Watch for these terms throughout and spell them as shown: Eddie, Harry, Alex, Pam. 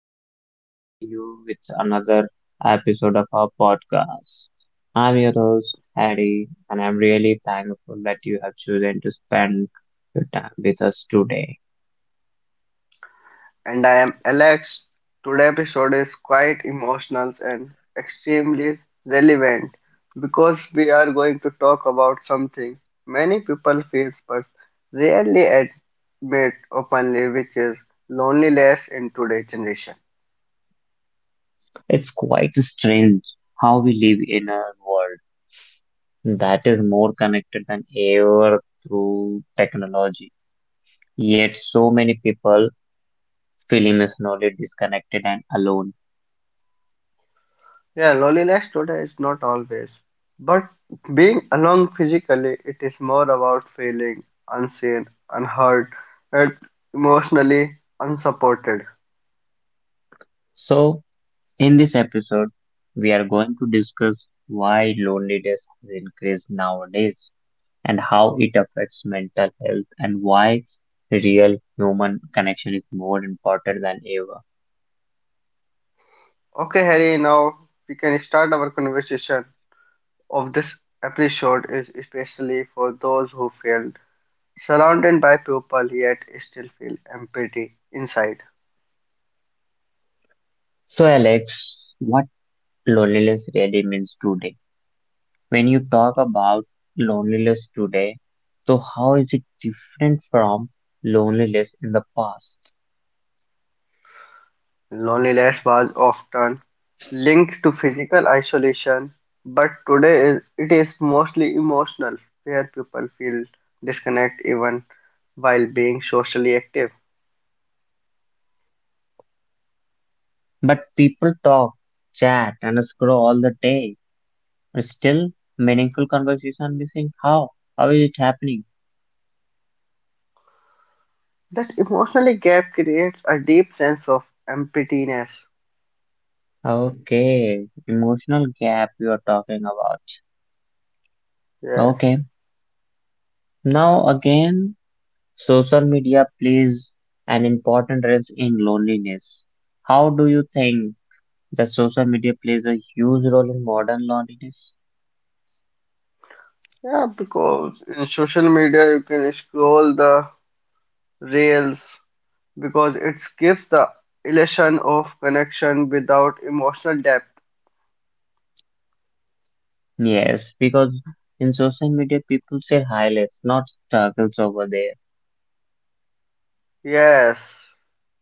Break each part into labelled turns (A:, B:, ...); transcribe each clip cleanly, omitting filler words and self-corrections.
A: again, we are here for you with another episode of our podcast. I'm your host, Harry, and I'm really thankful that you have chosen to spend your time with us today.
B: And I am Alex. Today's episode is quite emotional and extremely relevant because we are going to talk about something many people face but rarely admit openly, which is loneliness in today's generation.
A: It's quite strange how we live in a world that is more connected than ever through technology, yet so many people feeling slowly disconnected and alone.
B: Yeah, loneliness today is not always, but being alone physically, it is more about feeling unseen, unheard, and emotionally unsupported.
A: So, in this episode, we are going to discuss why loneliness has increased nowadays and how it affects mental health and why real human connection is more important than ever.
B: Okay, Harry, now we can start our conversation of this episode is especially for those who feel surrounded by people yet still feel empty inside.
A: So, Alex, what loneliness really means today? When you talk about loneliness today, so how is it different from loneliness in the past?
B: Loneliness was often linked to physical isolation, but today is, it is mostly emotional, where people feel disconnect even while being socially active.
A: But people talk, chat, and scroll all the day. Still meaningful conversation missing. How? How is it happening?
B: That emotional gap creates a deep sense of emptiness.
A: Okay, emotional gap you are talking about.
B: Yes.
A: Okay, now again, social media plays an important role in loneliness. How do you think that social media plays a huge role in modern loneliness?
B: Yeah, because in social media you can scroll the reels because it gives the illusion of connection without emotional depth.
A: Yes, because in social media, people say highlights, not struggles over there.
B: Yes,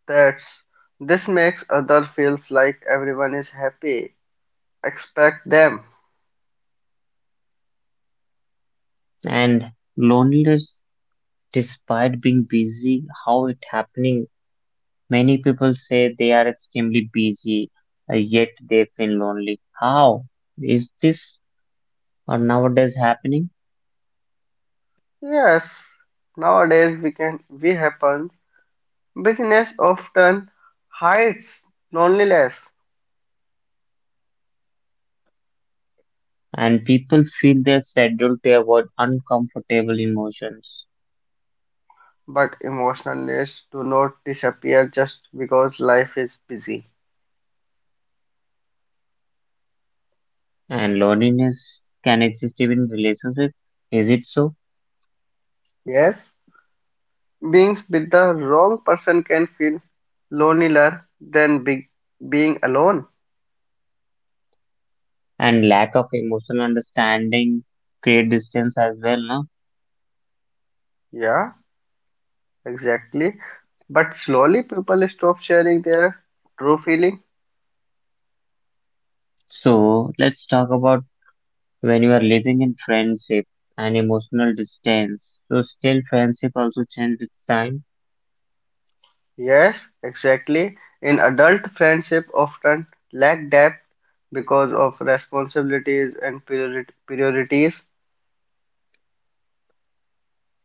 B: that's this makes other feels like everyone is happy. Expect them.
A: And loneliness, despite being busy, how it happening? Many people say they are extremely busy, yet they feel lonely. How is this nowadays happening?
B: Yes, nowadays we happen. Business often hides loneliness,
A: And people feel their schedule to avoid uncomfortable emotions.
B: but emotionalness do not disappear just because life is busy.
A: And loneliness can exist even in relationships. Is it so?
B: Yes. Being with the wrong person can feel lonelier than be being alone.
A: And lack of emotional understanding create distance as well, no?
B: Yeah, exactly. But slowly people stop sharing their true feeling.
A: So let's talk about when you are living in friendship and emotional distance. So still friendship also change with time,
B: Yes, exactly. In adult friendship often lack depth because of responsibilities and priorities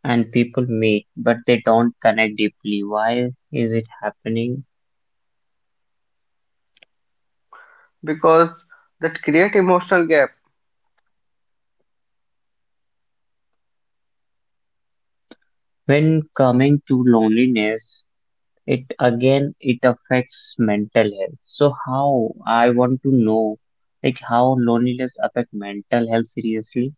A: and people meet, but they don't connect deeply. Why is it happening?
B: because that create emotional gap
A: When coming to loneliness, it again it affects mental health. So how I want to know, like how loneliness affect mental health seriously?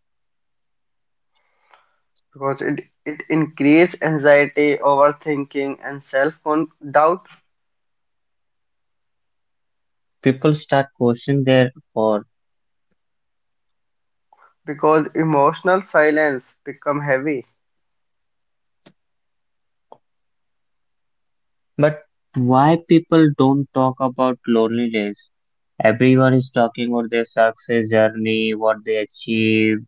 B: because it increase anxiety, overthinking and self doubt.
A: People start questioning their worth.
B: Because emotional silence become heavy,
A: But why people don't talk about loneliness? Everyone is talking about their success journey, what they achieved,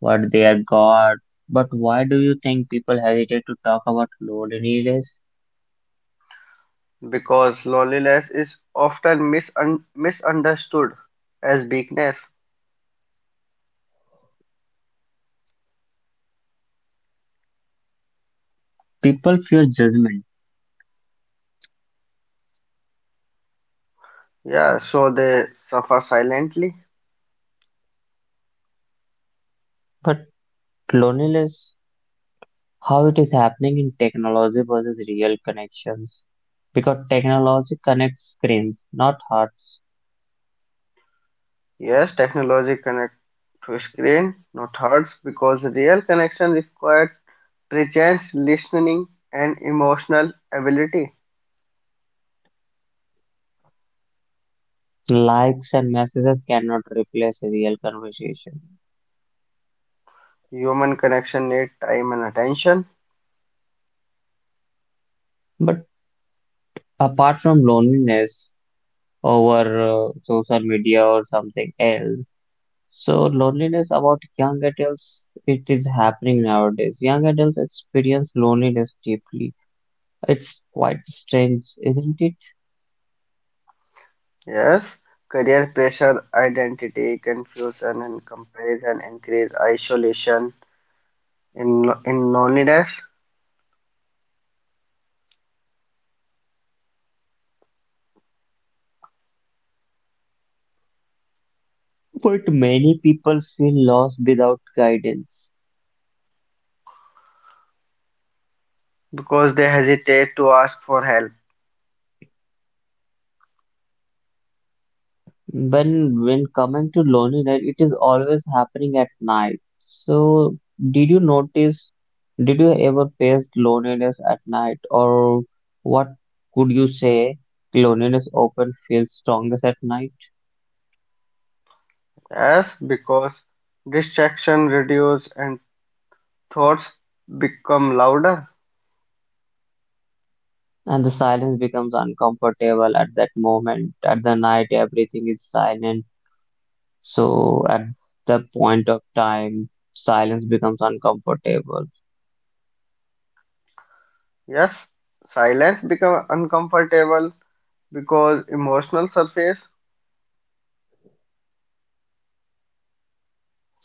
A: what they have got. But why do you think people hesitate to talk about loneliness?
B: because loneliness is often misunderstood as weakness.
A: People fear judgment,
B: Yeah, so they suffer silently.
A: but loneliness, how it is happening in technology versus real connections? Because technology connects screens, not hearts.
B: Yes, technology connect to screen, not hearts, because real connection required presence, listening, and emotional ability.
A: Likes and messages cannot replace a real conversation.
B: Human connection need time and attention.
A: But apart from loneliness over social media or something else, so loneliness about young adults, it is happening nowadays. Young adults experience loneliness deeply. It's quite strange, isn't it?
B: Yes, career pressure, identity confusion, and comparison increase isolation. In loneliness
A: But many people feel lost without guidance.
B: because they hesitate to ask for help.
A: When coming to loneliness, it is always happening at night. So, did you notice? Did you ever face loneliness at night, or what could you say? Loneliness often feels strongest at night,
B: Yes, because distraction reduce and thoughts become louder.
A: and the silence becomes uncomfortable at that moment. At the night, everything is silent. So, at that point of time, silence becomes uncomfortable.
B: Yes, silence become uncomfortable because emotional surface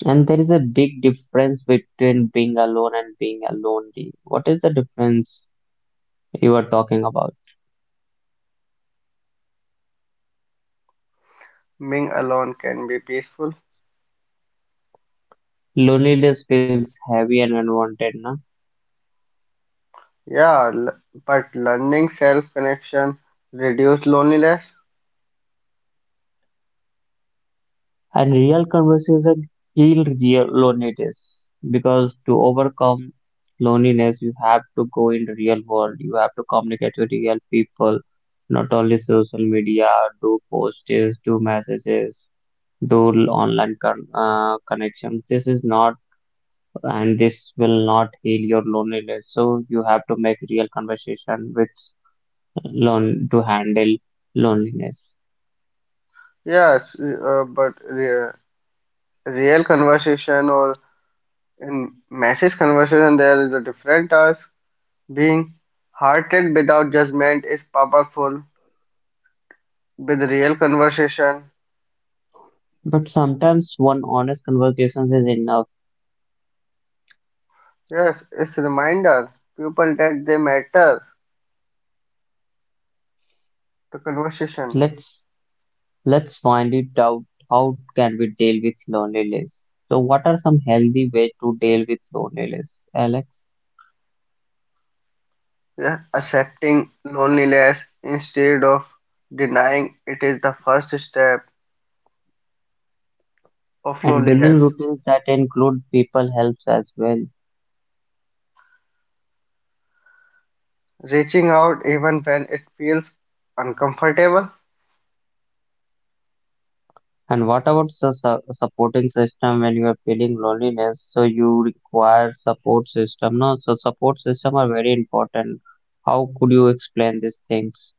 A: And there is a big difference between being alone and being a lonely. What is the difference you are talking about?
B: being alone can be peaceful.
A: Loneliness feels heavy and unwanted, no?
B: Yeah, but learning self connection reduce loneliness.
A: And real conversation heal real loneliness, because to overcome loneliness, you have to go in the real world. You have to communicate with real people, not only social media, do posts, do messages, do connections. This is not, and this will not heal your loneliness. So you have to make real conversation with lone to handle loneliness.
B: Yes, but real conversation or in message conversation there is a different task. Being-hearted without judgment is powerful. With real conversation,
A: But sometimes one honest conversation is enough.
B: yes, it's reminder people that they matter. The conversation,
A: Let's let's find it out. How can we deal with loneliness? So what are some healthy way to deal with loneliness, Alex?
B: yeah, accepting loneliness instead of denying it is the first step of
A: And building
B: loneliness.
A: routines that include people helps as well.
B: Reaching out even when it feels uncomfortable.
A: And what about the supporting system when you are feeling loneliness? So you require support system. No, so support system are very important. How could you explain these things?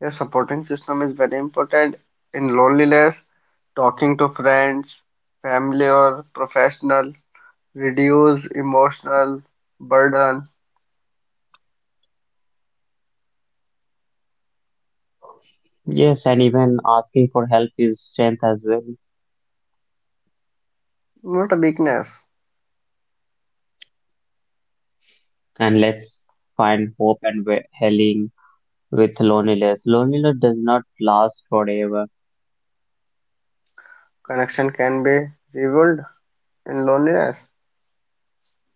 B: Your supporting system is very important in loneliness. Talking to friends, family, or professional reduce emotional burden,
A: Yes, and even asking for help is strength as well.
B: not a weakness.
A: And let's find hope and healing with loneliness. Loneliness does not last forever.
B: Connection can be revealed in loneliness,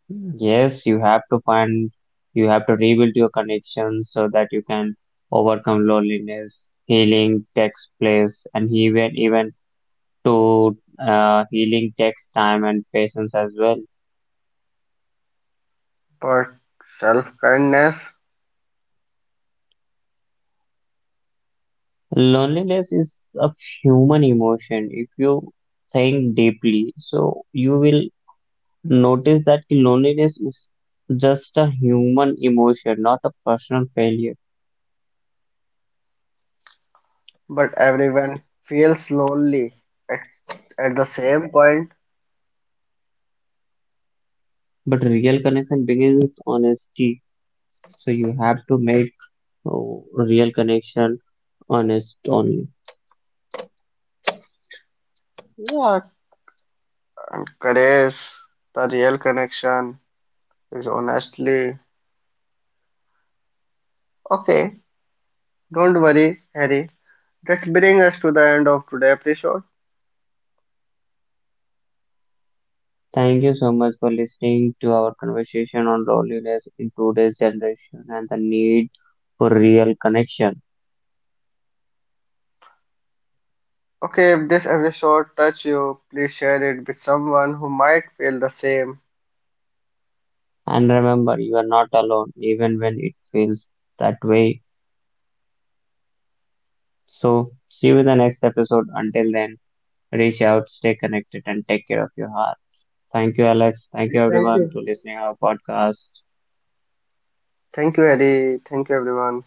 A: Yes, you have to find, you have to rebuild your connections so that you can overcome loneliness. Healing takes place, and even to healing takes time and patience as well.
B: but self-kindness.
A: Loneliness is a human emotion. If you think deeply, so you will notice that loneliness is just a human emotion, not a personal failure.
B: But everyone feels lonely at, at the same point.
A: But real connection begins with honesty. So you have to make. Oh, real connection, honest only.
B: Yeah, and courage, the real connection is honestly okay. Don't worry, Harry. That brings us to the end of today's episode.
A: Thank you so much for listening to our conversation on loneliness in today's generation and the need for real connection.
B: Okay, if this episode touched you, please share it with someone who might feel the same.
A: And remember, you are not alone, even when it feels that way. So, see you in the next episode. Until then, reach out, stay connected, and take care of your heart. Thank you, Alex. Thank
B: Okay,
A: you,
B: thank
A: everyone,
B: you.
A: to listening our podcast.
B: Thank you, Eddie. Thank you, everyone.